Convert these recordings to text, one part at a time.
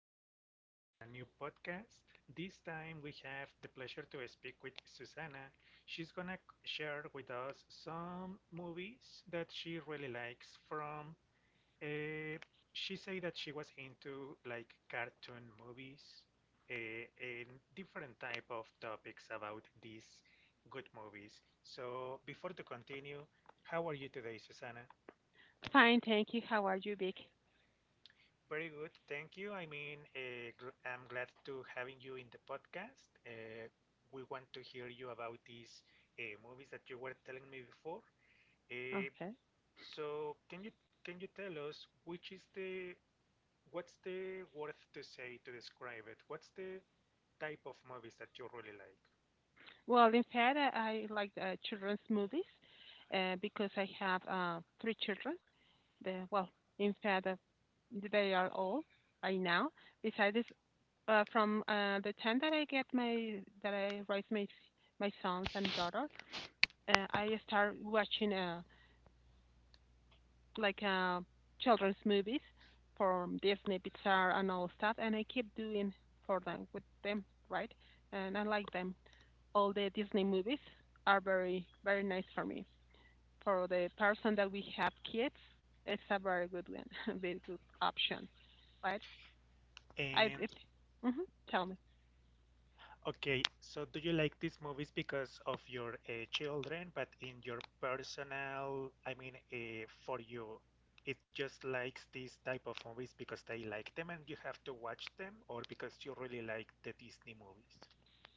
you for coming to a new podcast. This time we have the pleasure to speak with Susanna. She's gonna share with us some movies that she really likes from. Uh, she say that she was into like cartoon movies uh, and different type of topics about these good movies. So before to continue, how are you today, Susanna? Fine, thank you. How are you, Vic? Very good, thank you. I mean, I'm glad to having you in the podcast. We want to hear you about these movies that you were telling me before. Uh, Okay. so, can you tell us which is the what's the word to say to describe it? What's the type of movies that you really like? Well, in fact, I like children's movies because I have three children. The, well, in fact, uh, they are all right now. Besides, from the time that I get my that I raise my sons and daughter, I start watching like uh, children's movies from Disney, Pixar, and all stuff, and I keep doing for them, with them, right? And I like them. All the Disney movies are very nice for me. For the person that we have kids, it's a very good one, a very good option. Right? I And it, hmm tell me. okay, so do you like these movies because of your children, but in your personal, I mean, for you, it just likes these type of movies because they like them and you have to watch them, or because you really like the Disney movies?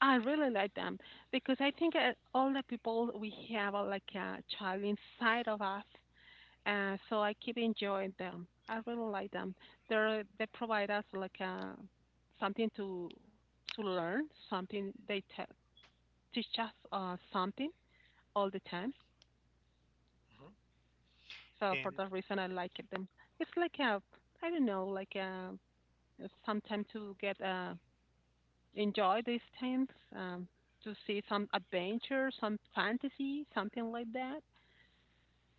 I really like them because I think all the people we have are like a child inside of us, so I keep enjoying them. I really like them. They provide us like something to learn, something teach us something all the time. Mhm. So for And that reason, I like it. And it's like a, I don't know, like a, some time to get enjoy these things, um, to see some adventure, some fantasy, something like that.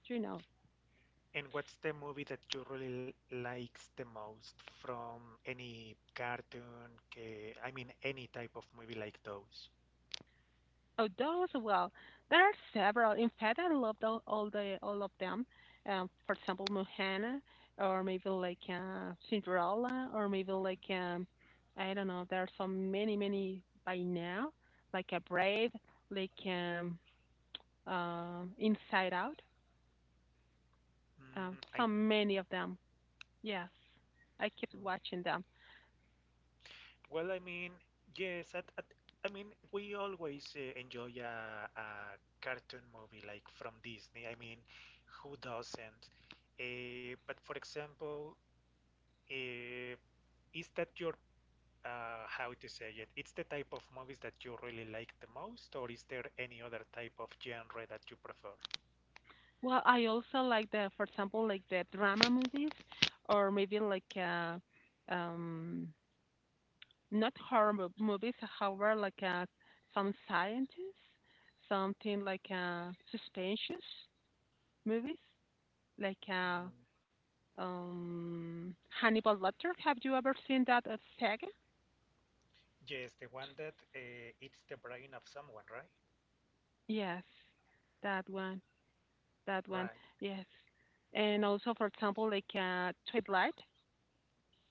You know, and what's the movie that you really likes the most from any cartoon? I mean, any type of movie like those? oh, those. Well, there are several. In fact, I love all the all of them. For example, Mohana, or maybe Cinderella, or maybe I don't know. There are so many, many by now. Like a Brave, like um, Inside Out. Mm, I Some many of them. Yes, I keep watching them. Well, I mean, yes, I mean, we always enjoy a cartoon movie like from Disney. I mean, who doesn't? But for example, uh, is that your, how to say it? It's the type of movies that you really like the most, or is there any other type of genre that you prefer? Well, I also like the, for example, like the drama movies, or maybe um, not movies, however, some scientists, something suspensions movies, like uh, Mm, um, Hannibal Lecter. Have you ever seen that saga? yes, the one that eats the brain of someone, right? Yes, that one. That one, Right. yes. And also, for example, Twilight,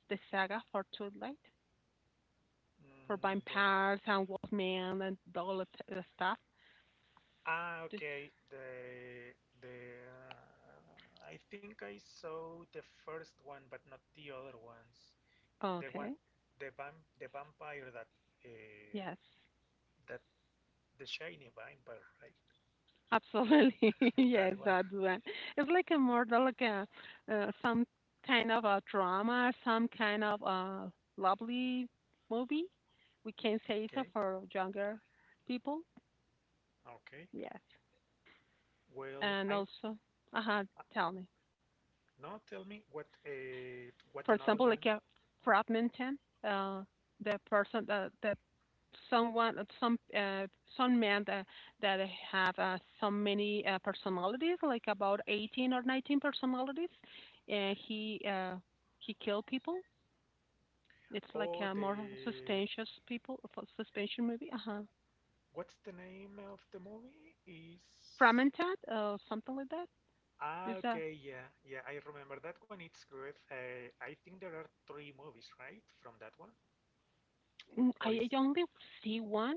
the saga for Twilight, for Mm, the, vampires and Wolfman and all of the stuff. Ah, This- okay. The I think I saw the first one, but not the other ones. The one, Okay, the vampire that uh, yes, that the shiny vampire, right? absolutely, yes, That one. that one. It's like a more like a some kind of a drama, some kind of a lovely movie. We can say so Okay. for younger people. Okay. Yes, Well, and I also, uh huh. uh, Tell me. no. Tell me what For another example, one? like a fragmented, uh, the person that someone some men that have so many personalities, like about 18 or 19 personalities, and he killed people. It's like Oh, a more the suspicious people for suspension movie. Uh huh. what's the name of the movie? Is Fragmented, something like that. Ah, Is that okay, yeah, yeah, I remember that one. It's good. I think there are three movies, right, from that one? mm, Or I is see one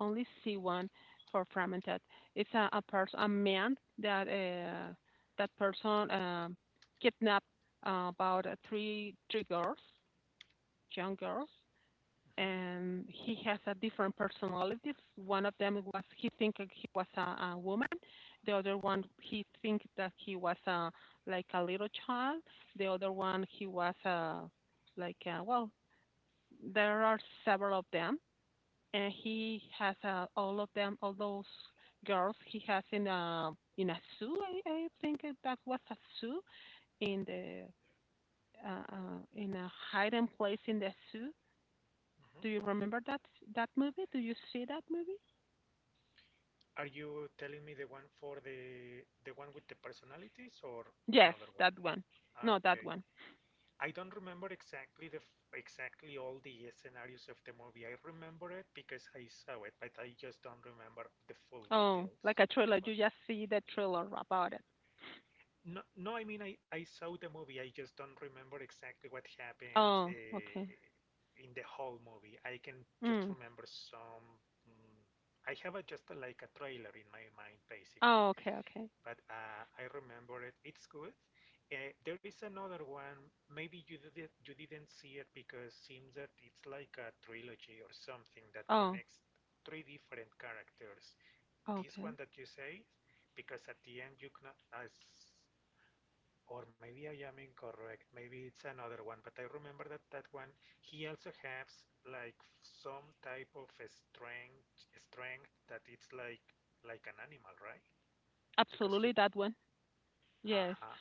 only see one for fragmented. It's a person, a man that that person kidnapped about three girls, young girls, Hmm. and he has a different personalities. One of them was he think he was a woman. The other one he think that he was a like a little child. The other one he was a like a, well, there are several of them and he has all of them, all those girls he has in a zoo. I think that was a zoo in the in a hiding place in the zoo. Hmm. Do you remember that movie? Do you see that movie? Are you telling me the one for the one with the personalities or Yes, another one? that one. Ah, No, okay, that one. I don't remember exactly the exactly all the scenarios of the movie. I remember it because I saw it, but I just don't remember the full Oh, details. like a trailer. You Right. just see the trailer about it. No, no, I mean I saw the movie. I just don't remember exactly what happened Oh, okay. In the whole movie. I can just Mm. remember some. Mm, I have like a trailer in my mind, basically. Oh, okay, okay. But I remember it. It's good. There is another one. Maybe you didn't see it because it seems that it's like a trilogy or something that Oh, connects three different characters. This one okay. that you say, because at the end you can as or maybe I am incorrect. Maybe it's another one, but I remember that that one he also has like some type of a strength that it's like an animal, right? Because Absolutely, he that one. Yes. uh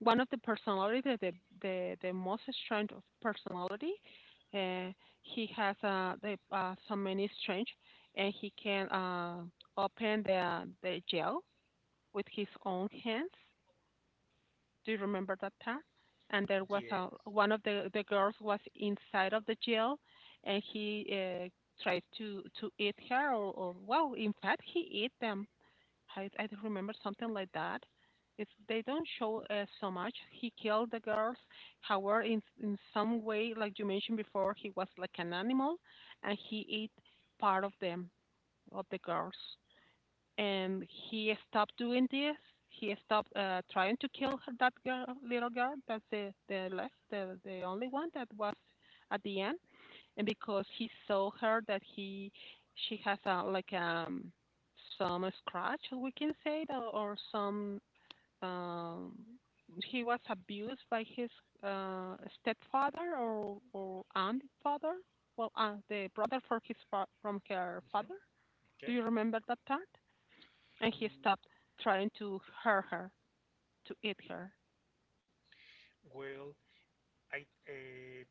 One of the personality, most strange of personality. Uh, he has so many strengths, and he can open the gel with his own hands. Do you remember that part? And there was yes. a, one of the girls was inside of the jail, and he tried to eat her, or well, in fact, he ate them. I don't remember something like that. It's, they don't show so much. He killed the girls. However, in some way, like you mentioned before, he was like an animal, and he ate part of them, of the girls. And he stopped doing this. He stopped trying to kill her, that girl, little girl. That's the left, the only one that was at the end, and because he saw her that he she has a like some scratch, we can say that, or some um he was abused by his stepfather or aunt father, the brother for from her Hmm. father. Do Okay. you remember that part? And he Mm, stopped trying to hurt her, to eat her. well, I uh,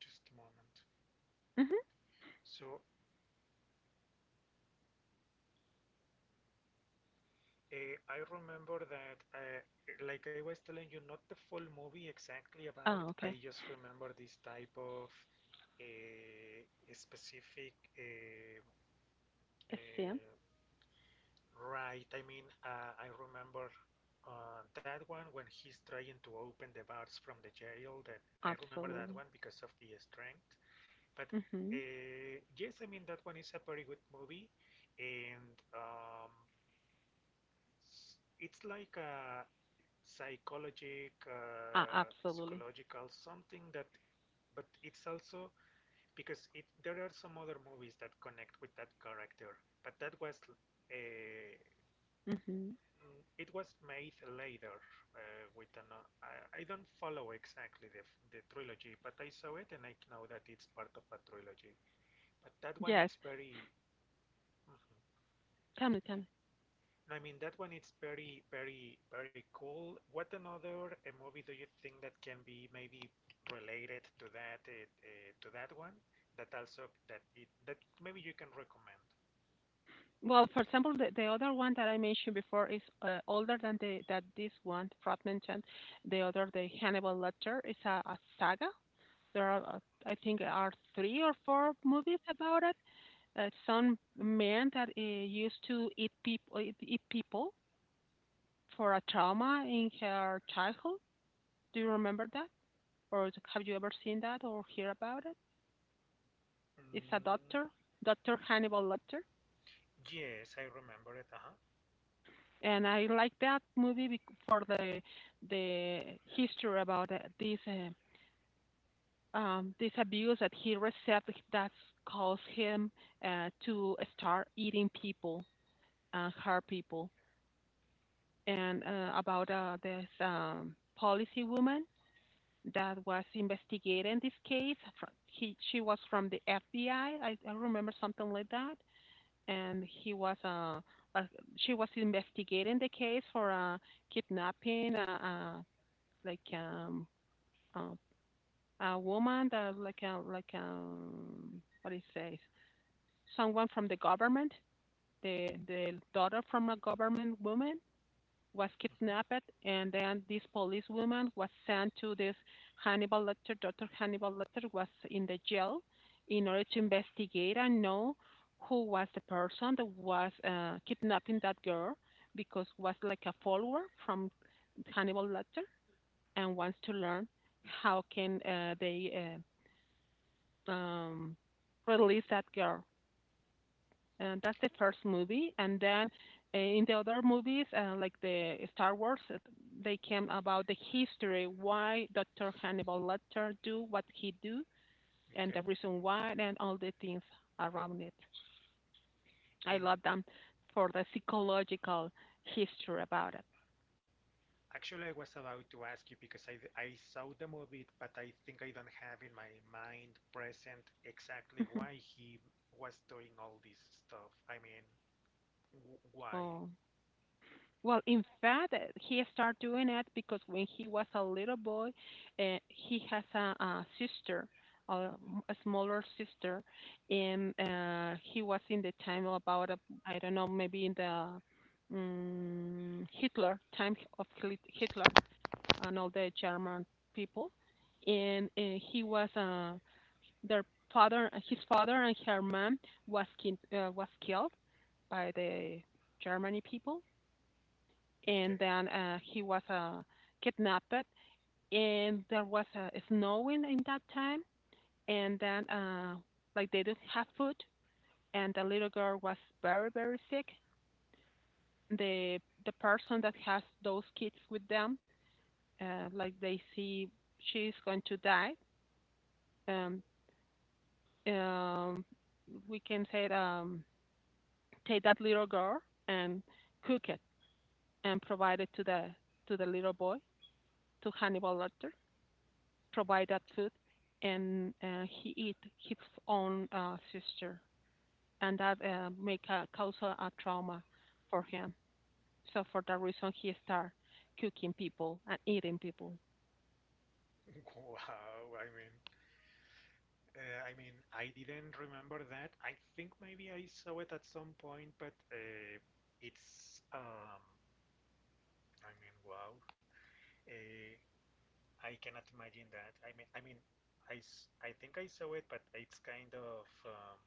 just a moment. Mm-hmm. So I remember that, like I was telling you, not the full movie exactly about. Oh, okay. I just remember this type of uh, specific A sin. uh, right. I mean, I remember. That one when he's trying to open the bars from the jail that I remember that Absolutely. one because of the strength. But Mm-hmm. Yes, I mean that one is a very good movie, and it's like a Uh, absolutely. psychological something that, but it's also because it there are some other movies that connect with that character, but that was uh, Mm-hmm. It was made later with an I don't follow exactly the the trilogy, but I saw it and I know that it's part of a trilogy, but that one Yes. it's very. Mhm. Tell me, tell me. I mean, that one it's very, very, very cool. What another movie do you think that can be maybe related to that one? That also that it that maybe you can recommend. Well, for example, the other one that I mentioned before is older than the that this one Fred mentioned. The other, the Hannibal Lecter, is a saga. There are, I think, are three or four movies about it. Some man that used to eat people, eat people for a trauma in her childhood. Do you remember that, or have you ever seen that or hear about it? It's a Mm, doctor, Doctor Hannibal Lecter. yes, I remember it. Uh-huh. And I like that movie for the the history about this abuse that he received, that caused him to start eating people, hurt people, and about this policy woman that was investigating this case. She was from the FBI. I remember something like that. And he was uh she was investigating the case for kidnapping uh like um uh, a woman that like a what do you say, someone from the government, the daughter from a government woman was Mhm. kidnapped, and then this policewoman was sent to this Hannibal Lecter. Dr. Hannibal Lecter was in the jail in order to investigate and know who was the person that was kidnapping that girl, because was like a follower from Hannibal Lecter and wants to learn how can they uh, um, release that girl. And that's the first movie. And then in the other movies, like the Star Wars, they came about the history, why Dr. Hannibal Lecter do what he do, and the Okay. reason why, and all the things around it. I And love them for the psychological history about it. actually, I was about to ask you because I saw the movie, but I think I don't have in my mind present exactly why he was doing all this stuff. I mean, w why? Oh, well, in fact, he started doing it because when he was a little boy, he has a sister, a a smaller sister, and he was in the time of about, a, I don't know, maybe in the Hitler time Hitler and all the German people, and he was their father, his father and her mom was was killed by the Germany people, and Okay. then he was kidnapped. And there was snowing in that time, and then like they didn't have food, and the little girl was very sick. The the person that has those kids with them, like they see she's going to die. Um, um, we can say take that little girl and cook it and provide it to the little boy, to Hannibal Lecter, provide that Mm. food, and he eat his own sister, and that make a cause a trauma for him. So for that reason, he start cooking people and eating people. Wow, I mean, I mean, I didn't remember that. I think maybe I saw it at some point, but it's, I mean, wow. Uh, I cannot imagine that. I mean, I think I saw it, but it's kind of,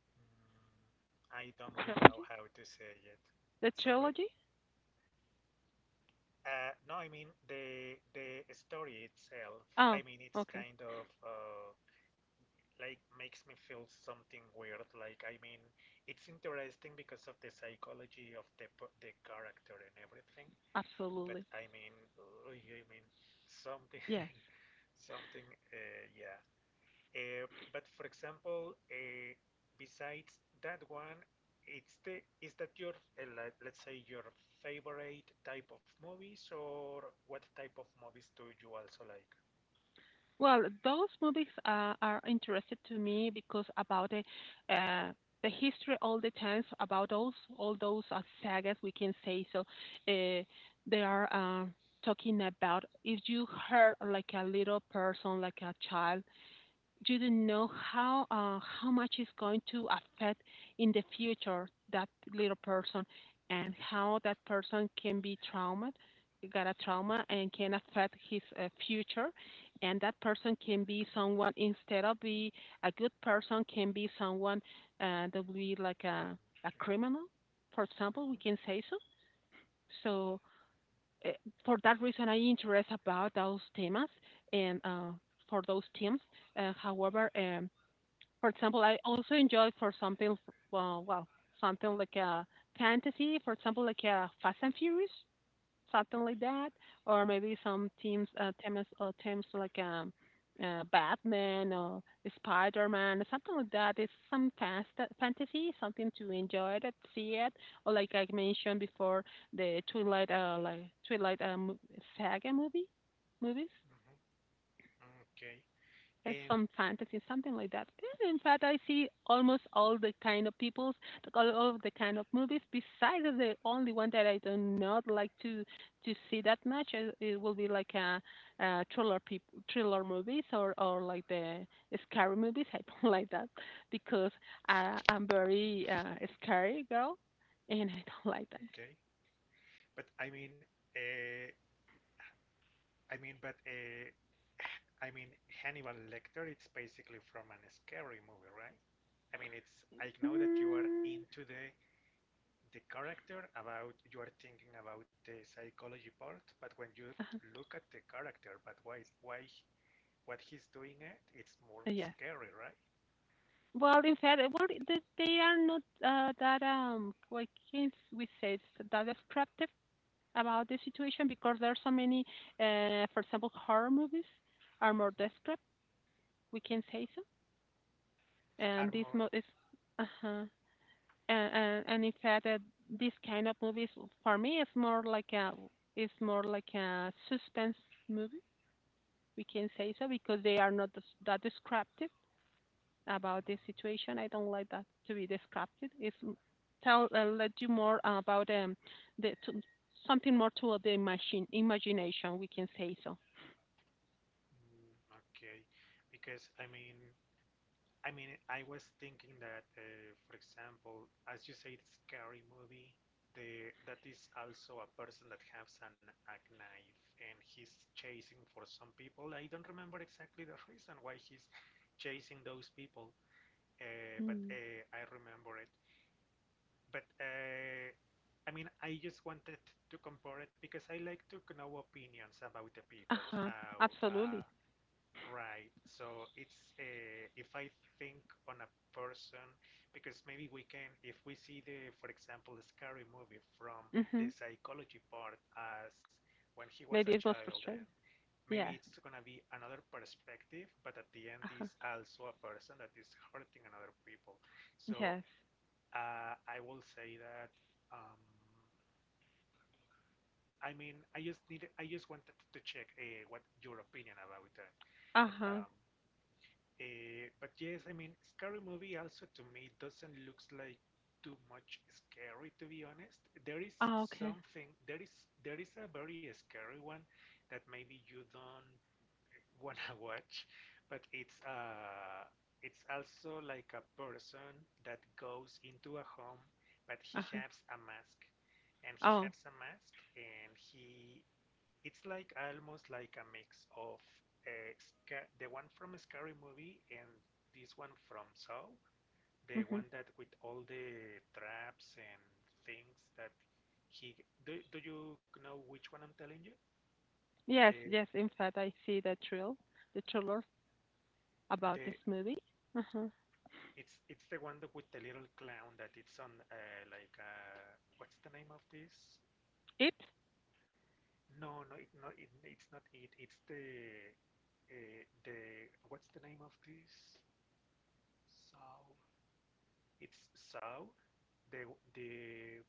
mm, I don't really know Trilogy? how to say it. The Sorry? trilogy? No, I mean the story itself. I Oh, mean, it's okay, kind of. Like makes me feel something weird. Like I mean, it's interesting because of the psychology of the character and everything. But absolutely, I mean, ugh, I mean, something, yes. something, yeah. Uh, but for example, besides that one, it's the is that your like, let's say your favorite type of movies or what type of movies do you also like? Well, those movies are interested to me because about uh, the history all the times about those all those sagas, we can say. So uh, they are talking about if you hurt like a little person, like a child, you don't know how much is going to affect in the future that little person, and how that person can be trauma got a trauma and can affect his future, and that person can be someone, instead of be a good person, can be someone that will be like Mm, a okay. criminal, for example, we Mhm, can say so. So uh, for that reason I interest about those themes, and for those teams, however for example, I also enjoy for something, well, well, something like a fantasy, for example, like a Fast and Furious, something like that, or maybe some teams, teams Batman or Spider-Man, something like that. It's some fast fantasy, something to enjoy it, see it, or like I mentioned before, the Twilight, like Twilight saga movie, movies, mhm. Okay. as And some fantasy, something like that. And in fact, I see almost all the kind of peoples, like, all of the kind of movies. Besides, the only one that I do not like to see that much, it will be like a, uh thriller peop thriller movies or like the scary movies. I don't like that because I'm very scary girl, and I don't like that. okay. But uh, I mean, but I mean, Hannibal Lecter. It's basically from a scary movie, right? I mean, it's. I know that you are Mm, into the character about you are thinking about the psychology part, but when you look at the character, but why what he's doing it, it's more yes. scary, right? Well, in fact, well, they are not that what can we say that descriptive about the situation because there are so many, for example, horror movies are more Mhm. descriptive. We can say so, and Are more. Uh-huh. And in fact, this kind of movies for me is more like a is more like a suspense movie. We can say so because they are not that descriptive about this Mm, situation. I don't like that to be disrupted. If tell let you more about the to, something more to the machine imagination. We can say so. mm, okay, because I mean. I mean, I was thinking that, for example, as you say, it's scary movie. The that is also a person that has an a knife and he's chasing for some people. I don't remember exactly the reason why he's chasing those people, uh, but Mm. uh, I remember it. But I mean, I just wanted to compare it because I like to know opinions about the Uh people, huh. how Absolutely. right. So it's if I think on a person, because maybe we can, if we see the, for example, the scary movie from Mm-hmm. the psychology part as when he was a Maybe it's most child, and frustrating. maybe Yeah. it's gonna be another perspective, but at the end Uh huh. is also a person that is hurting another people. So Yes. I will say that. Um, I mean, I just wanted to check what your opinion about that, Uh but huh. um. But yes, I mean, scary movie also to me doesn't looks like too much scary to be honest. Oh, okay. There is there is a very scary one that maybe you don't wanna watch, but it's also like a person that goes into a home, but he Uh huh. has a mask, Oh. And he it's like almost like a mix of the one from Scary Movie and this one from Saw, the Mm-hmm. one that with all the traps and things that he do, do you know which one I'm telling you? Yes. The Yes. In fact, I see the trailer about this the movie. Uh huh. It's the one with the little clown that it's on what's the name of this? It. No, no, it's not it. It's the what's the name of this? So, it's Saw, the the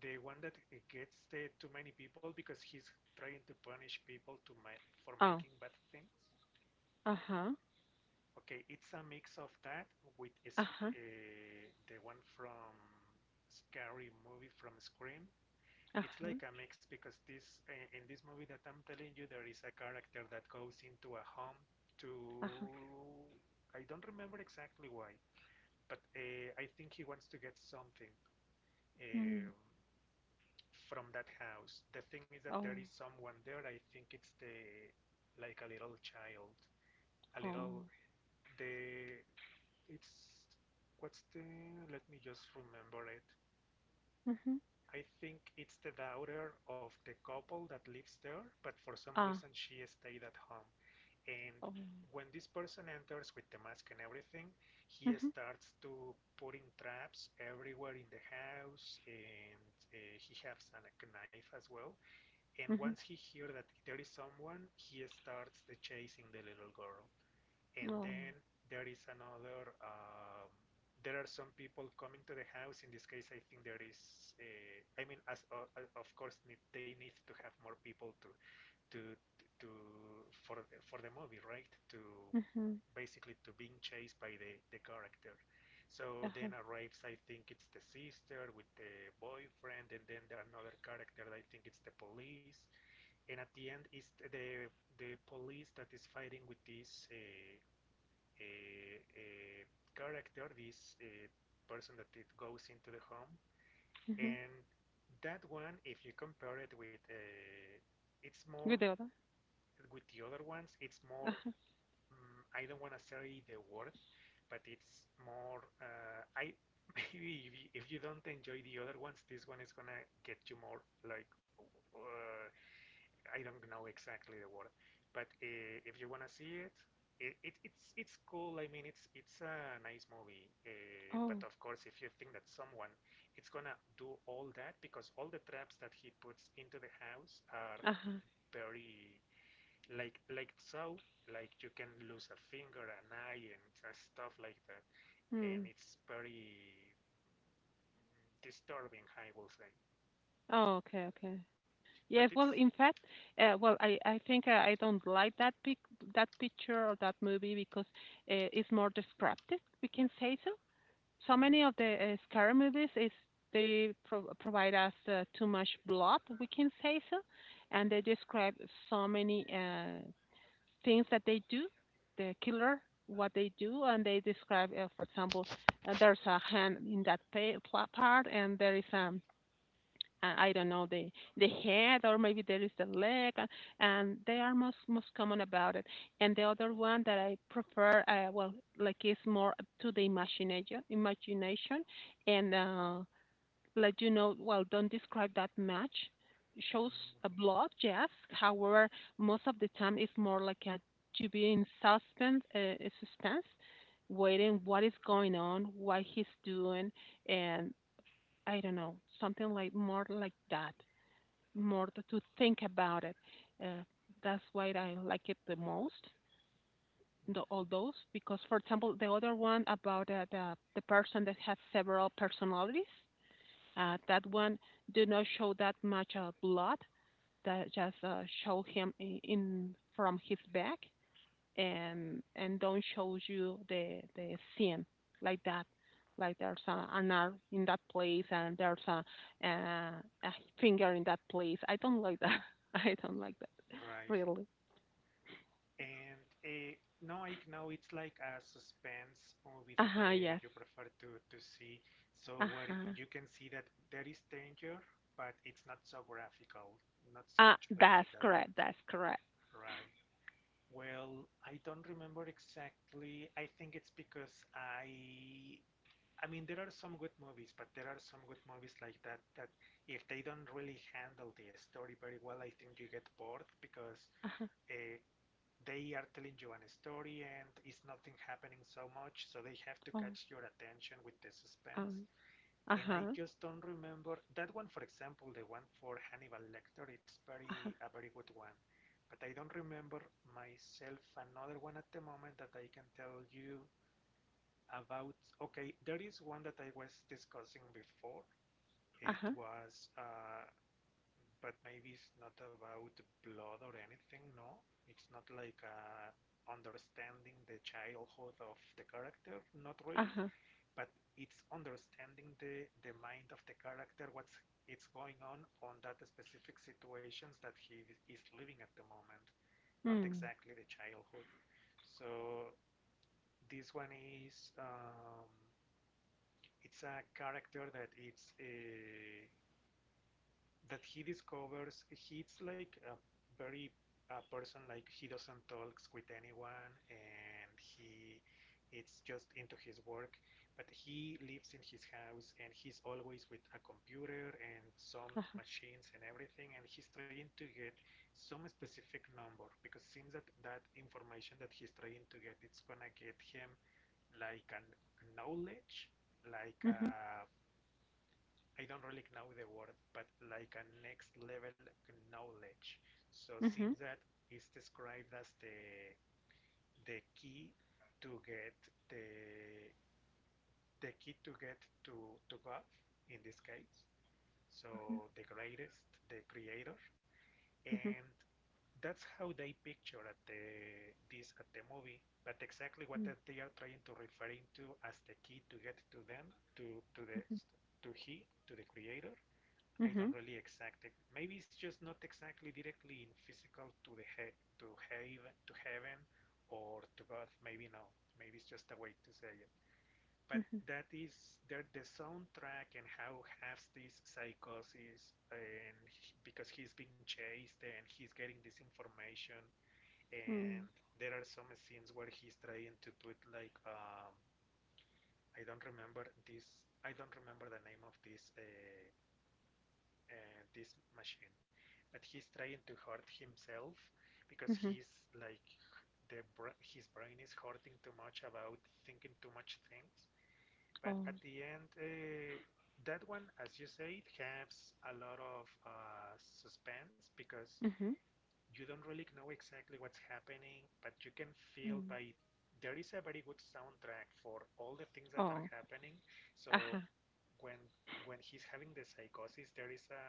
the one that it gets the too many people because he's trying to punish people to ma for Oh. making bad things. Uh huh. Okay, it's a mix of that with Uh is huh. The one from scary movie from Scream. Uh It's huh. like a mix because this eh, in this movie that I'm telling you there is a character that goes into a home to Uh huh. I don't remember exactly why, but I think he wants to get something Mm. um, from that house. The thing is that Oh, there is someone there. I think it's the like a little child, a oh. little the it's what's the let me just remember it. Mhm. I think it's the daughter of the couple that lives there, but for some reason Ah, she stayed at home. And oh. when this person enters with the mask and everything, he Mhm, starts to putting traps everywhere in the house, and he has a knife as well. And once mhm. he hears that there is someone, he starts the chasing the little girl, and Oh. then there is another there are some people coming to the house. In this case, I think there is I mean, as of course, they need to have more people to to for the movie, right, to Mhm. basically to being chased by the character. So then Uh-huh. arrives, I think it's the sister with the boyfriend, and then there another character, I think it's the police. And at the end is the police that is fighting with this uh, uh, character, this person that it goes into the home. Mhm. And that one, if you compare it with it's more Videoda. with the other ones, it's more. Uh-huh. Mm, I don't want to say the word, but it's more. I maybe if you don't enjoy the other ones, this one is gonna get you more like, uh, I don't know exactly the word, but if you wanna see it, it's cool. I mean, it's a nice movie. But Oh. of course, if you think that someone it's gonna do all that, because all the traps that he puts into the house are Uh-huh. very like so, like you can lose a finger, an eye, and stuff like that, and Hmm. it's very disturbing, I will say. Oh, okay, okay. But Yes, it's well, in fact, well, I think I don't like that picture or that movie because it's more descriptive, we can say so. So Mm, many of okay. the scary movies is they provide us too much blood, we can say so, and they describe so many things that they do, the killer, what they do, and they describe, for example, there's a hand in that part, and there is I don't know the head, or maybe there is the leg, and they are most common about it. And the other one that I prefer, well, like is more up to the imagination, and let you know, well, don't describe that match. Shows a Mhm. blood, yes. However, most of the time it's more like a to be in suspense, a suspense, waiting what is going on, what he's doing, and I don't know, something like more like that, more to think about it. Uh, that's why I like it the most. The, Mhm. all those because, for example, the other one about the person that has several personalities that one did not show that much blood. That just show him in from his back and don't show you the skin like that. Like there's a, an arm in that place and there's a a finger in that place. I don't like that. I don't like that Right. really. And no, Ike, no, it's like a suspense movie Uh that huh. Yes. you prefer to see. So Uh where huh. you can see that there is danger, but it's not so graphical, not so much That's graphic about, correct. That's correct. right? Well, I don't remember exactly. I think it's because I mean, there are some good movies, but there are some good movies like that, that if they don't really handle the story very well, I think you get bored, because Uh huh. uh, they are telling you a story and it's nothing happening so much, so they have to Oh. catch your attention with the suspense. Um, uh And I huh. just don't remember that one. For example, the one for Hannibal Lecter, it's Uh very huh. a very good one, but I don't remember myself another one at the moment that I can tell you about. Okay, there is one that I was discussing before. Uh It huh. was But maybe it's not about blood or anything, no? It's not like understanding the childhood of the character, not Uh really, huh. but it's understanding the mind of the character, what's it's going on that specific situations that he is living at the moment, not Mm. exactly the childhood. So this one is it's a character that it's a. that He discovers he's like very a person, like he doesn't talks with anyone, and he it's just into his work, but he lives in his house and he's always with a computer and some machines and everything, and he's trying to get some specific number, because it seems that that information that he's trying to get, it's gonna get him like a knowledge, like a, Mhm. I don't really know the word, but like a next level knowledge. So it seems Mhm. that it's described as the key to get the the key to get to God in this case. So the greatest, the creator, Mhm, and that's how they picture at the this at the movie. But exactly what mm, that they are trying to referring to as the key to get to them, to the, mhm, to the creator, I mhm, don't really exact it. Maybe it's just not exactly directly in physical to heaven, or to God. Maybe no. Maybe it's just a way to say it. But mhm, that is the soundtrack, and how has this psychosis, and because he's being chased and he's getting this information, and mm, there are some scenes where he's trying to put like I don't remember this. I don't remember the name of this machine, but he's trying to hurt himself because mhm. he's like the br his brain is hurting too much about thinking too much things. But Oh, at the end, that one, as you say, it has a lot of suspense, because mhm, you don't really know exactly what's happening, but you can feel mm. by there is a very good soundtrack for all the things that are Oh, happening. So uh-huh. when he's having the psychosis, there is a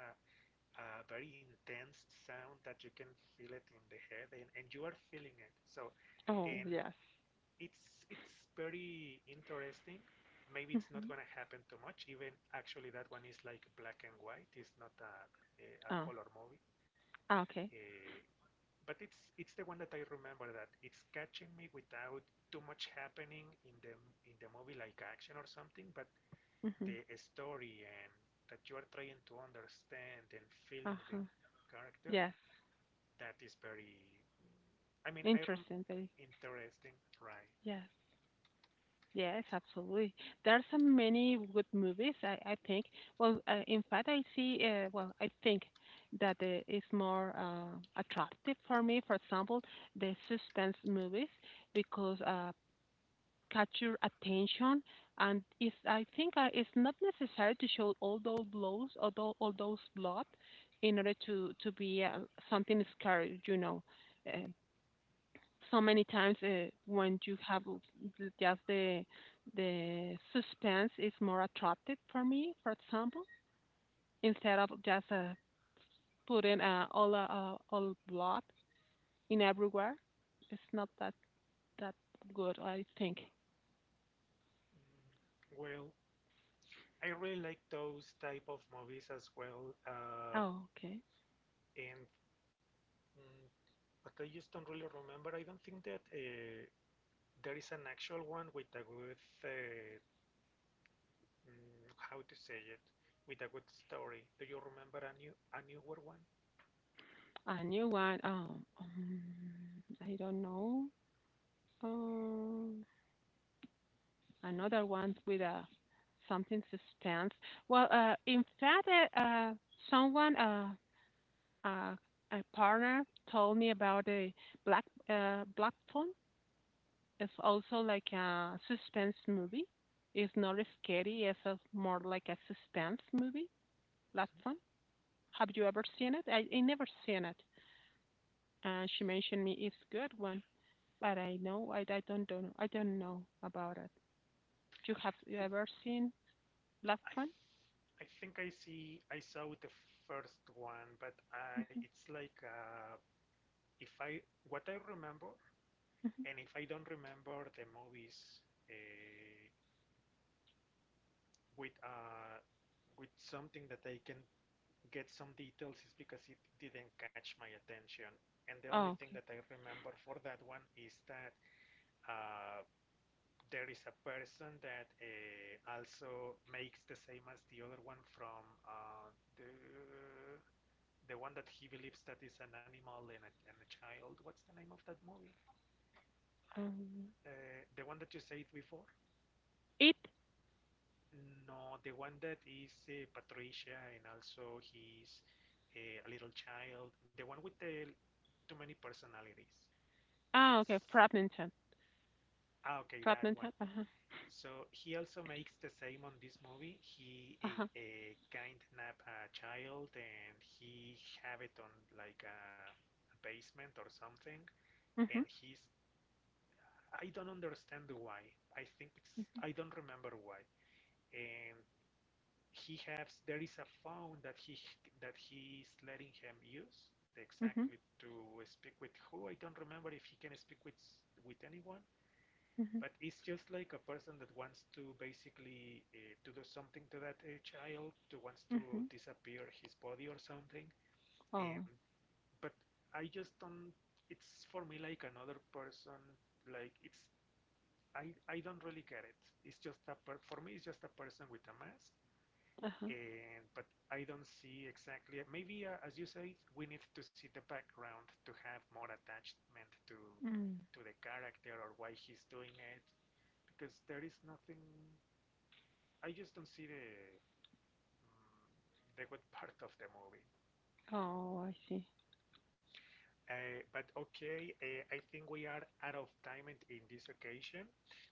a very intense sound that you can feel it in the head, and you are feeling it. So, Oh, and yes. it's very interesting. Maybe it's Mm, not gonna happen too much. Even actually, that one is like black and white. It's not a oh, color movie. ah, okay. Uh, but it's the one that I remember that it's catching me without too much happening in the movie, like action or something. But Mhm, the story, and that you are trying to understand and feeling the uh-huh. character, Yes. that is very. I mean, Interesting, baby. interesting, right? Yes. Yes, absolutely. There are so many good movies, I think. Well, in fact, I see, well, I think that it's more attractive for me, for example, the suspense movies, because catch your attention, and it's I think it's not necessary to show all those blows or all those blood in order to be something scary, you know, uh, so many times when you have just the suspense is more attractive for me, for example, instead of just putting all blood in everywhere. It's not that that good, I think. Well, I really like those type of movies as well, Oh, okay. and mm, but I just don't really remember. I don't think that there is an actual one with a good, how to say it, with a good story. Do you remember a new a newer one? A new one. Oh, I don't know. Um, another one with a something suspense. Well, in fact, uh, uh, someone, uh, a partner, told me about the Black Blackton. It's also like a suspense movie. It's not scary. It's a, more like a suspense movie. Blackton. Have you ever seen it? I never seen it. And she mentioned me it's good one, but I know I don't know about it. You have you I ever seen Black I Phone? I think I saw the first one, but I it's like a, if I what I remember, and if I don't remember the movies uh, with uh, with something that I can get some details, is because it didn't catch my attention. And the only Oh, thing okay. that I remember for that one is that uh, there is a person that also makes the same as the other one from the the one that he believes that is an animal, and and a child. What's the name of that movie? Um, The one that you said before? it. No, the one that is Patricia, and also he's a little child. The one with the too many personalities. Ah, okay. It's Fragmented. Ah, okay, that one. Fragmented. Uh huh. So he also makes the same on this movie. He Uh huh. Kidnap a child, and he have it on like a basement or something. And Mhm. he's I don't understand why. I think it's I don't remember why. And he has there is a phone that he's letting him use Mhm. exactly to speak with, who I don't remember if he can speak with anyone, Mhm. but it's just like a person that wants to basically to do something to that child, to wants to Mhm. disappear his body or something. Um, Oh. but I just don't It's for me like another person, like it's I don't really get it. It's just a per- for me it's just a person with a mask, Uh huh. and but I don't see exactly. Maybe as you say, we need to see the background to have more attachment Mm. to the character, or why he's doing it, because there is nothing. I just don't see mm, the good part of the movie. Oh, I see. But okay, I think we are out of time in this occasion,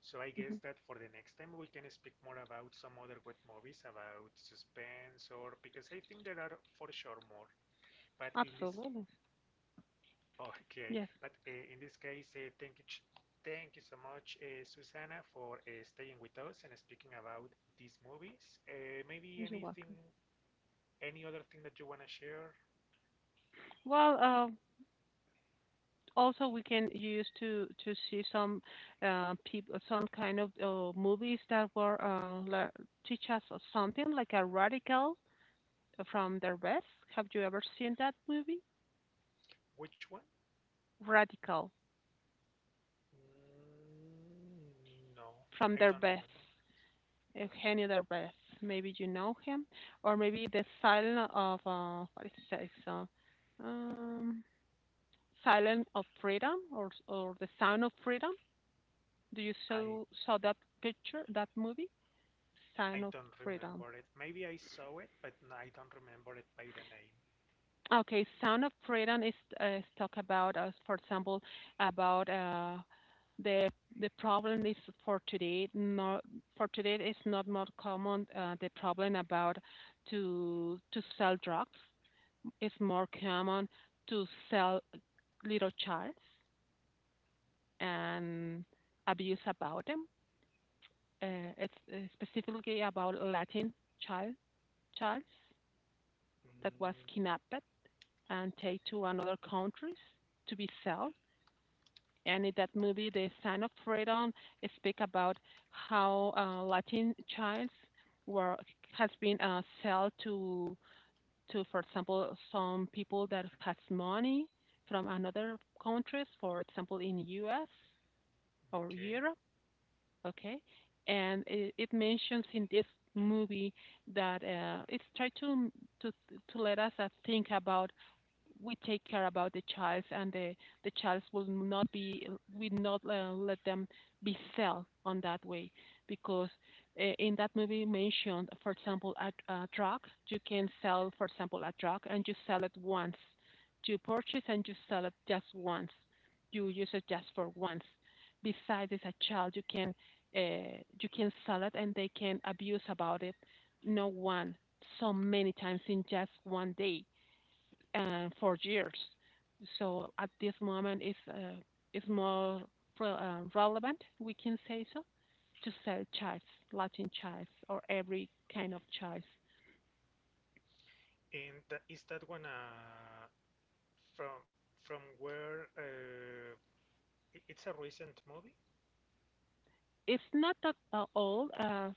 so I Hmm. guess that for the next time we can speak more about some other good movies about suspense, or because I think there are for sure more. But in this Absolutely. Okay, Yes. but in this case, thank you so much, Susanna, for staying with us and speaking about these movies. Maybe You're anything, welcome. any other thing that you want to share? Well, also we can use to see some people, some kind of movies that were teach us something, like a radical from their best. Have you ever seen that movie? Which one? Radical Mm, no, from I their don't best. remember it. Eugenio Derbez. Maybe you know him, or maybe the Silent of what it says, um, Silent of Freedom, or the Sound of Freedom. Do you I saw that picture, that movie, Sound I of don't Freedom? remember it. Maybe I saw it, but I don't remember it by the name. Okay, Sound of Freedom is talk about, for example, about the the problem is for today. Not for today is not more common. The problem about to sell drugs is more common to sell little child and abuse about them. It's specifically about Latin child child that was Mm, kidnapped and take to another countries to be sold. And in that movie, The Son of Freedom, speak about how Latin childs were, has been sold to, for example, some people that has money from another countries, for example, in U.S. or okay, Europe. Okay, and it mentions in this movie that it's try to to let us think about we take care about the child, and the child will not be, we not let them be felt on that way because in that movie mentioned, for example, a drug you can sell. For example, a drug and you sell it once, you purchase and you sell it just once, you use it just for once. Besides, as a child you can sell it and they can abuse about it, no one, so many times in just one day, for years. So at this moment, it's more relevant, we can say so, to sell chives, Latin chives, or every kind of chives. and is that one from where? It's a recent movie. It's not that old.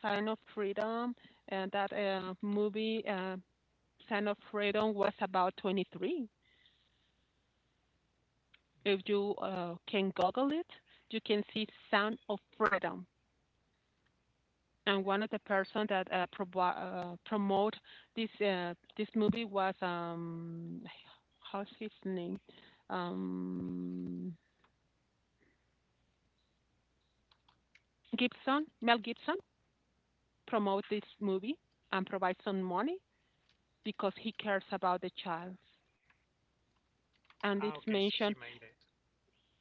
Sign of Freedom, and that movie Sign of Freedom was about 23. If you can Google it, you can see Sound of Freedom, and one of the person that promote this this movie was how's his name, um Gibson, Mel Gibson, promote this movie and provide some money because he cares about the child, and Ah, it's okay, so he mentioned. made it.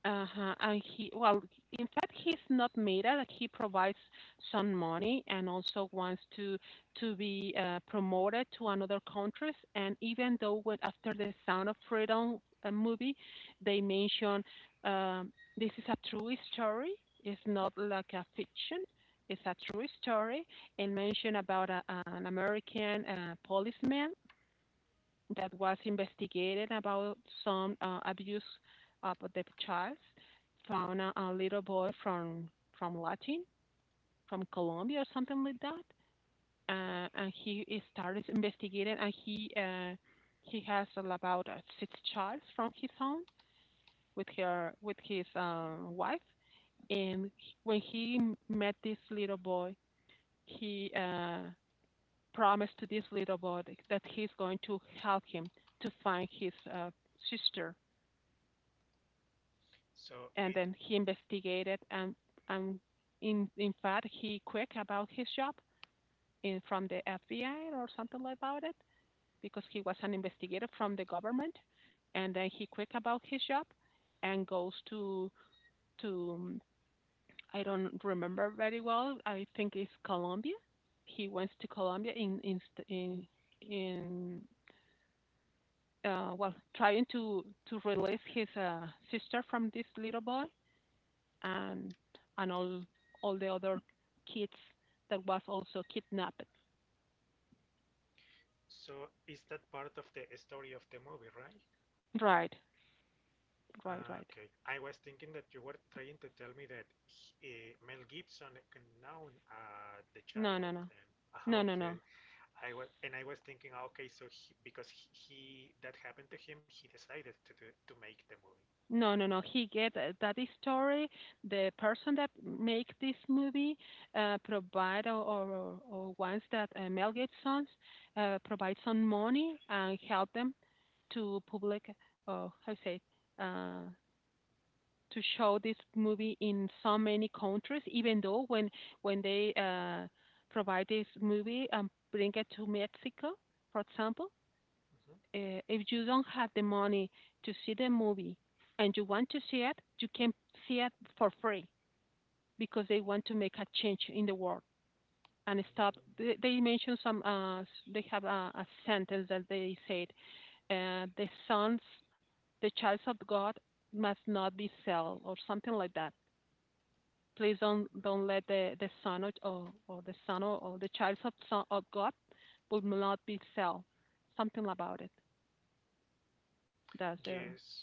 Uh-huh. And he, well, in fact, he's not made it. He provides some money and also wants to be promoted to another countries. And even though when after the Sound of Freedom movie, they mention, this is a true story. It's not like a fiction. It's a true story, and mention about a, an American policeman that was investigated about some abuse of the child, found a little boy from Latin, from Colombia or something like that, Hmm. And he started investigating, and he has about six childs from his own with her with his wife, and when he met this little boy, he promised to this little boy that he's going to help him to find his sister, So and it then he investigated, and in fact he quit about his job in from the FBI or something like about it, because he was an investigator from the government, and then he quit about his job and goes to I don't remember very well, I think it's Colombia. He went to Colombia in, in well, trying to release his sister from this little boy, um, and all the other kids that was also kidnapped. so is that part of the story of the movie, right? Right, right, Ah, right. okay, I was thinking that you were trying to tell me that he, Mel Gibson, known the No, no, child. no, And, ah, no, no, no, okay, I was thinking, ah, okay, because he that happened to him, he decided to make the movie. no, no, no. He get that is story. The person that make this movie provide or ones that Mel Gibson's provide some money and help them to public. Oh, how you say uh, to show this movie in so many countries, even though when they provide this movie and bring it to Mexico, for example, Hmm. If you don't have the money to see the movie and you want to see it, you can see it for free because they want to make a change in the world and stop. They mentioned some. They have a sentence that they said, "The sons, the child of God, must not be sold," or something like that. Please don't let the son or the son or the child of son of God will not be sell, something about it. That's there. Yes,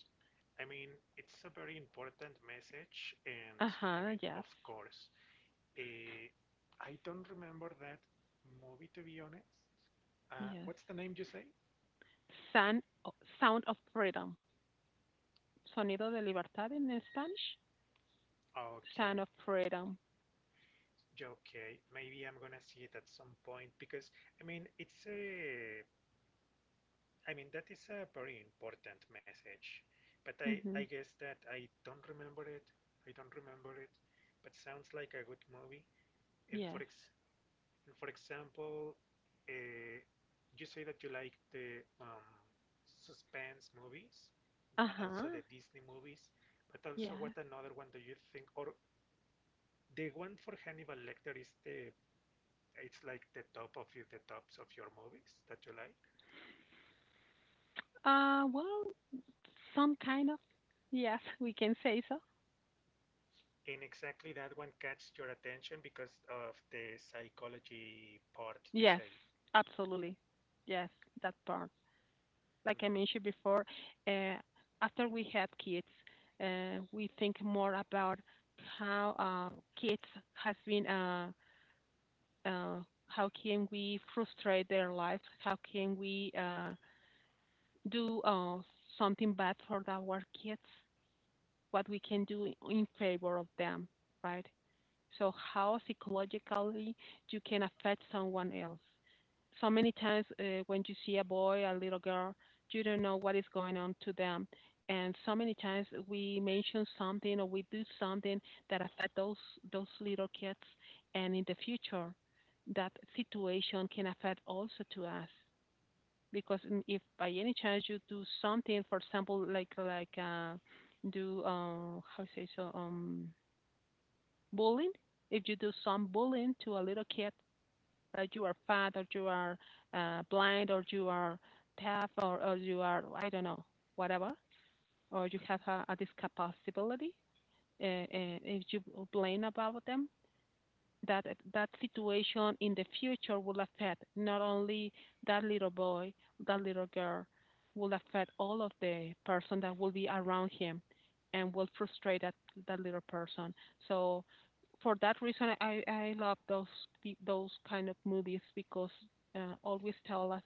I mean, it's a very important message, and Uh I huh. mean, Yes. of course, Eh, I don't remember that movie, to be honest. Uh, Yes. what's the name you say? Sound Sound of freedom. Sonido de libertad in Spanish. Sound Okay, of freedom. okay. Maybe I'm gonna see it at some point, because I mean it's a. I mean that is a very important message, but I Mm-hmm. guess that I don't remember it. I don't remember it, but sounds like a good movie. And for Yes. ex and for example, uh, you say that you like the suspense movies. Uh Also huh. the Disney movies, but also, what Yes. another one do you think? Or the one for Hannibal Lecter is the it's like the top of you, the tops of your movies that you like. Uh well, some kind of yes, we can say so. And exactly that one catches your attention because of the psychology part, you Yes, say. absolutely. Yes, that part. Like I Mm. mentioned before, uh, after we have kids, we think more about how kids has been, uh, how can we frustrate their life? How can we do something bad for our kids? What we can do in favor of them, right? So how psychologically you can affect someone else. So many times when you see a boy, a little girl, you don't know what is going on to them. And so many times we mention something or we do something that affect those little kids, and in the future, that situation can affect also to us because if by any chance you do something, for example, like do how say so bullying, if you do some bullying to a little kid that you are fat or you are blind or you are deaf or you are, I don't know, whatever, or you have Mm-hmm. a discapacity, if you complain about them, that that situation in the future will affect not only that little boy, that little girl, will affect all of the person that will be around him and will frustrate that little person. So for that reason, I love those those kind of movies because always tell us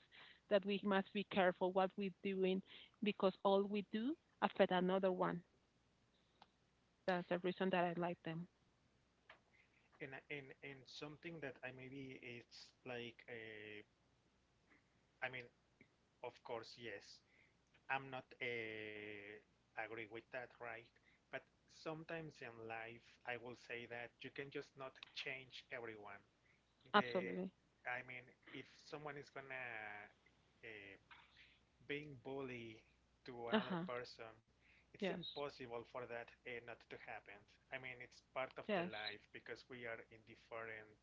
that we must be careful what we're doing because all we do affect another one. That's the reason that I like them. And something that I, maybe it's like a, I mean, of course, yes, I'm not agree with that, right? But sometimes in life, I will say that you can just not change everyone. The, Absolutely. I mean, if someone is gonna uh, being bully to Uh another huh. person, it's Yes. impossible for that not to happen. I mean, it's part of the Yes. life because we are in different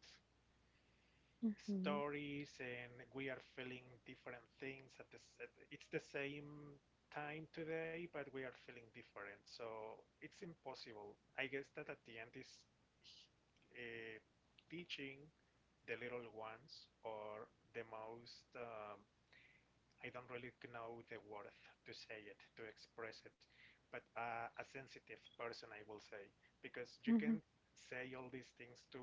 Mhm. stories and we are feeling different things at this it's the same time today, but we are feeling different, so it's impossible. I guess that at the end is uh, teaching the little ones or the most I don't really know the word to say it, to express it, but a sensitive person, I will say, because you Mhm. can say all these things to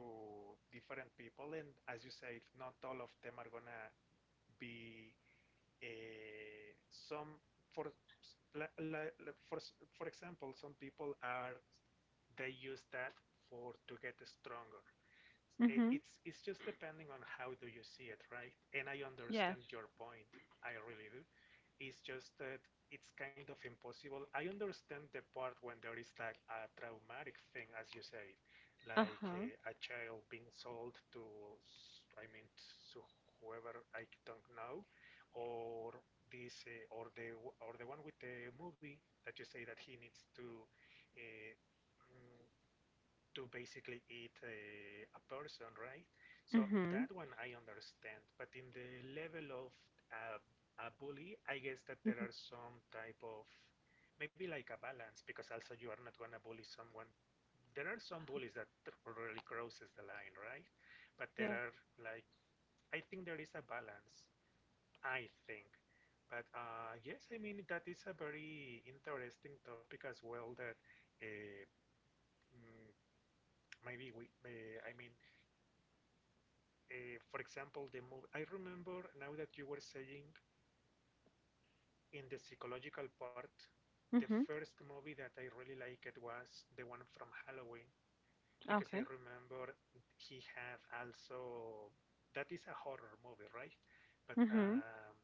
different people, and as you say, not all of them are gonna be some for for for example, some people are they use that for to get stronger. eh, Mhm. It's it's just depending on how do you see it, right? And I Yes. understand your point. I really do. It's just that it's kind of impossible. I understand the part when there is like a traumatic thing, as you say, Uh like huh. A child being sold to, I mean, to whoever, I don't know, or this, or the one with the movie that you say that he needs to uh, mm, to basically eat a person, right? So Mhm. that one I understand, but in the level of a, a bully, I guess that there Mhm. are some type of maybe like a balance, because also you are not gonna bully someone. There are some bullies that really crosses the line, right? But there Yes. are like, I think there is a balance, I think. But yes, I mean, that is a very interesting topic as well that uh, mm, maybe we, I mean, for example, the movie. I remember now that you were saying in the psychological part, the Mhm. first movie that I really liked was the one from Halloween, because I Okay. remember he had also that is a horror movie, right? But Mhm.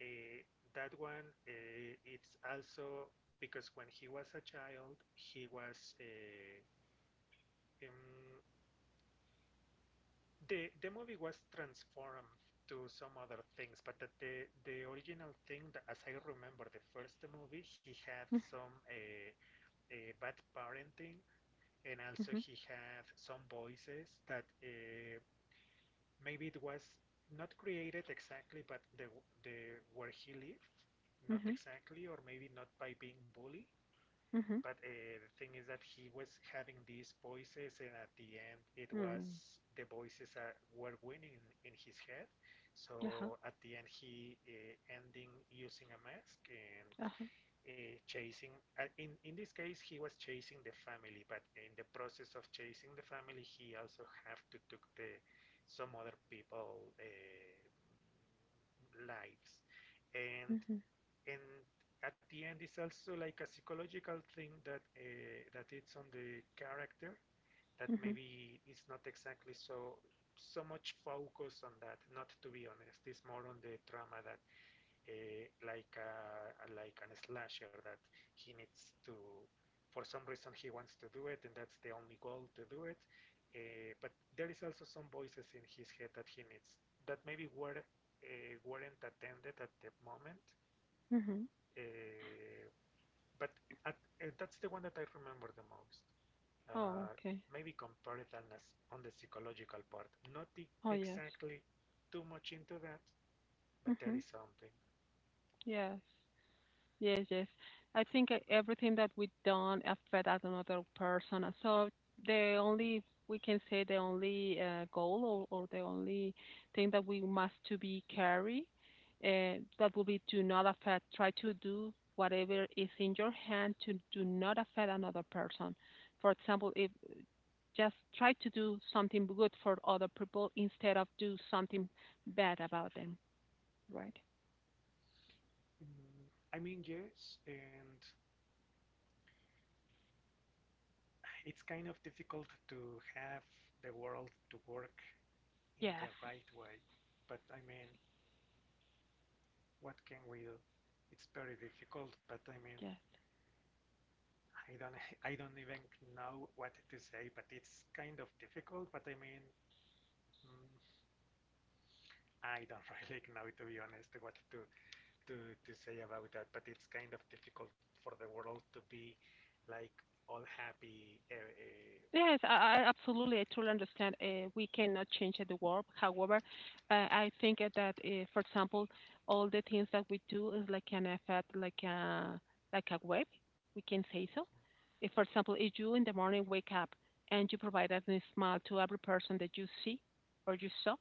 eh, that one, it's also because when he was a child, he was um, the movie was transformed to some other things, but the original thing, that, as I remember, the first movie, he had Mhm. some bad parenting, and also Mhm. he had some voices that maybe it was not created exactly, but the where he lived, not Mhm. exactly, or maybe not by being bullied, Mhm. but the thing is that he was having these voices, and at the end, it was Mm. the voices were winning in his head. Uh huh. So at the end, he ending using a mask and Uh huh. Chasing. In this case, he was chasing the family, but in the process of chasing the family, he also have to took the some other people lives. And Mhm. and at the end it's also like a psychological thing that that it's on the character, that Mhm. maybe it's not exactly so so much focus on that, not to be honest, it's more on the drama that like a, like an slasher that he needs to for some reason he wants to do it and that's the only goal to do it. But there is also some voices in his head that he needs, that maybe were weren't attended at the moment. Mhm. uh, but at, that's the one that I remember the most. Oh, Uh, okay. maybe compare on, as, on the psychological part. Not Oh, yes. exactly too much into that, but there Mm-hmm. is something. Yes. Yes, yes. I think everything that we done affect another person. So the only we can say the only goal or the only thing that we must to be carry that will be to not affect. Try to do whatever is in your hand to do not affect another person. For example, if just try to do something good for other people instead of do something bad about them, right? Mm, I mean, yes, and it's kind of difficult to have the world to work in the Yes, right way. But I mean, what can we do? It's very difficult, but I mean, yes. I don't, I don't even know what to say. But it's kind of difficult. But I mean, mm, I don't really know, to be honest, what to say about that, but it's kind of difficult for the world to be like all happy. Yes, I absolutely, I truly understand. We cannot change the world. However, I think that, for example, all the things that we do is like an effect, like a web. We can say so. If, for example, if you in the morning wake up and you provide a nice smile to every person that you see or you saw,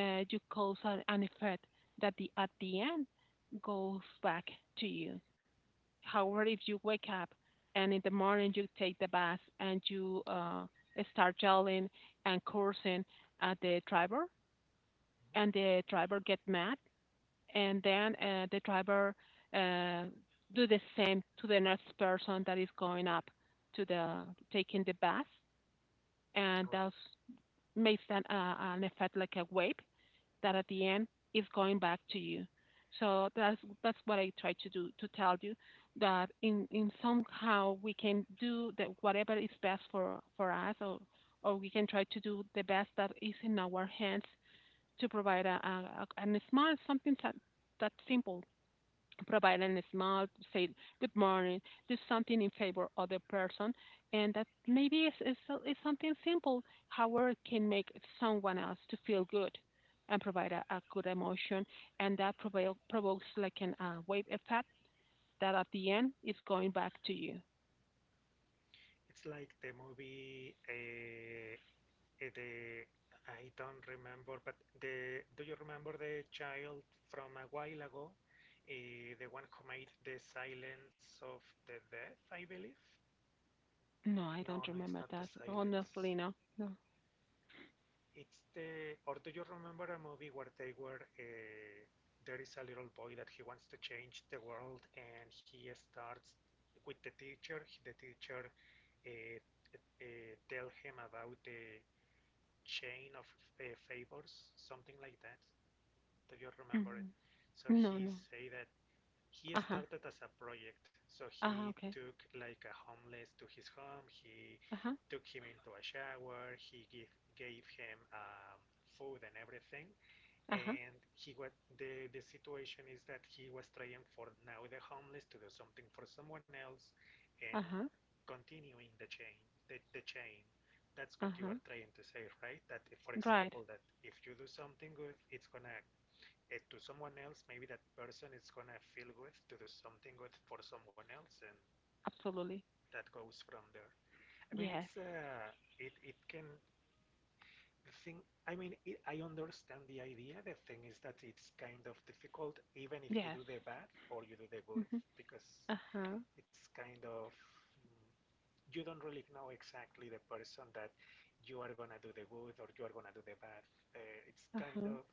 you cause an effect that the at the end goes back to you. However, if you wake up and in the morning you take the bath and you start yelling and cursing at the driver, and the driver get mad, and then the driver uh, do the same to the next person that is going up to the taking the bath, and Right. that makes an effect like a wave that at the end is going back to you. So that's what I try to do to tell you that in somehow we can do that whatever is best for us or we can try to do the best that is in our hands to provide a smart something that simple provide a smile, say good morning, do something in favor of the person, and that maybe it's something simple. However, it can make someone else to feel good and provide a good emotion, and that provokes like an wave effect that at the end is going back to you. It's like the movie, the I don't remember, but the do you remember the child from a while ago? The one who made the silence of the death, I believe. No, I don't No, no, it's remember not the that. silence. Honestly, no, no, It's the, or do you remember a movie where they were, there is a little boy that he wants to change the world and he starts with the teacher. The teacher uh, tell him about the chain of favors, something like that. Do you remember it? Mhm. So No, he no. say that he Uh huh. started as a project. So Uh huh. he Okay. took like a homeless to his home. He Uh huh. took him into a shower. He give, gave him food and everything. Uh huh. And he what the situation is that he was trying for now the homeless to do something for someone else, and Uh huh. continuing the chain the chain. That's Uh what you huh. are trying to say, right? That if, for Right. example, that if you do something good, it's gonna it to someone else, maybe that person is gonna feel good to do something good for someone else, and Absolutely. that goes from there. I mean, Yes. it's it it can think. I mean, it, I understand the idea. The thing is that it's kind of difficult, even if you Yes. do the bad or you do the good, Mhm. because Uh-huh. it's kind of mm, you don't really know exactly the person that you are gonna do the good or you are gonna do the bad. It's kind Uh-huh. of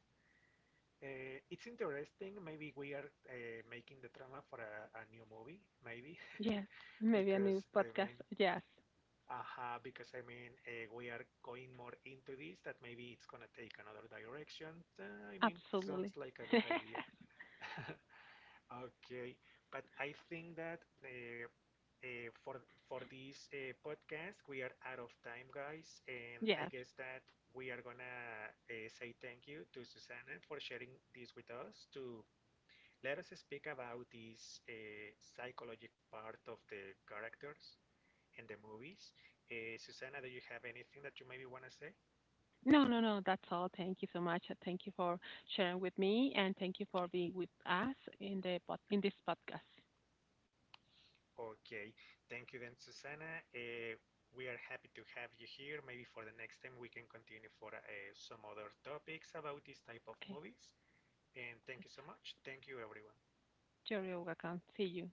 It's interesting. Maybe we are making the drama for a new movie, maybe, Yes. Maybe a new because I mean, podcast. Yes. Because I mean, we are going more into this. That maybe it's gonna take another direction. I mean, Absolutely. sounds like a good idea. Okay, but I think that for this podcast, we are out of time, guys, and I yes. guess that we are gonna say thank you to Susanna for sharing this with us, to let us speak about this psychologic part of the characters in the movies. Susanna, do you have anything that you maybe want to say? No, no, no. That's all. Thank you so much. Thank you for sharing with me, and thank you for being with us in the in this podcast. Okay, thank you then, Susana. We are happy to have you here. Maybe for the next time we can continue for some other topics about this type of Okay. movies. And thank That's you so much. Thank you, everyone. all. You're welcome. See you.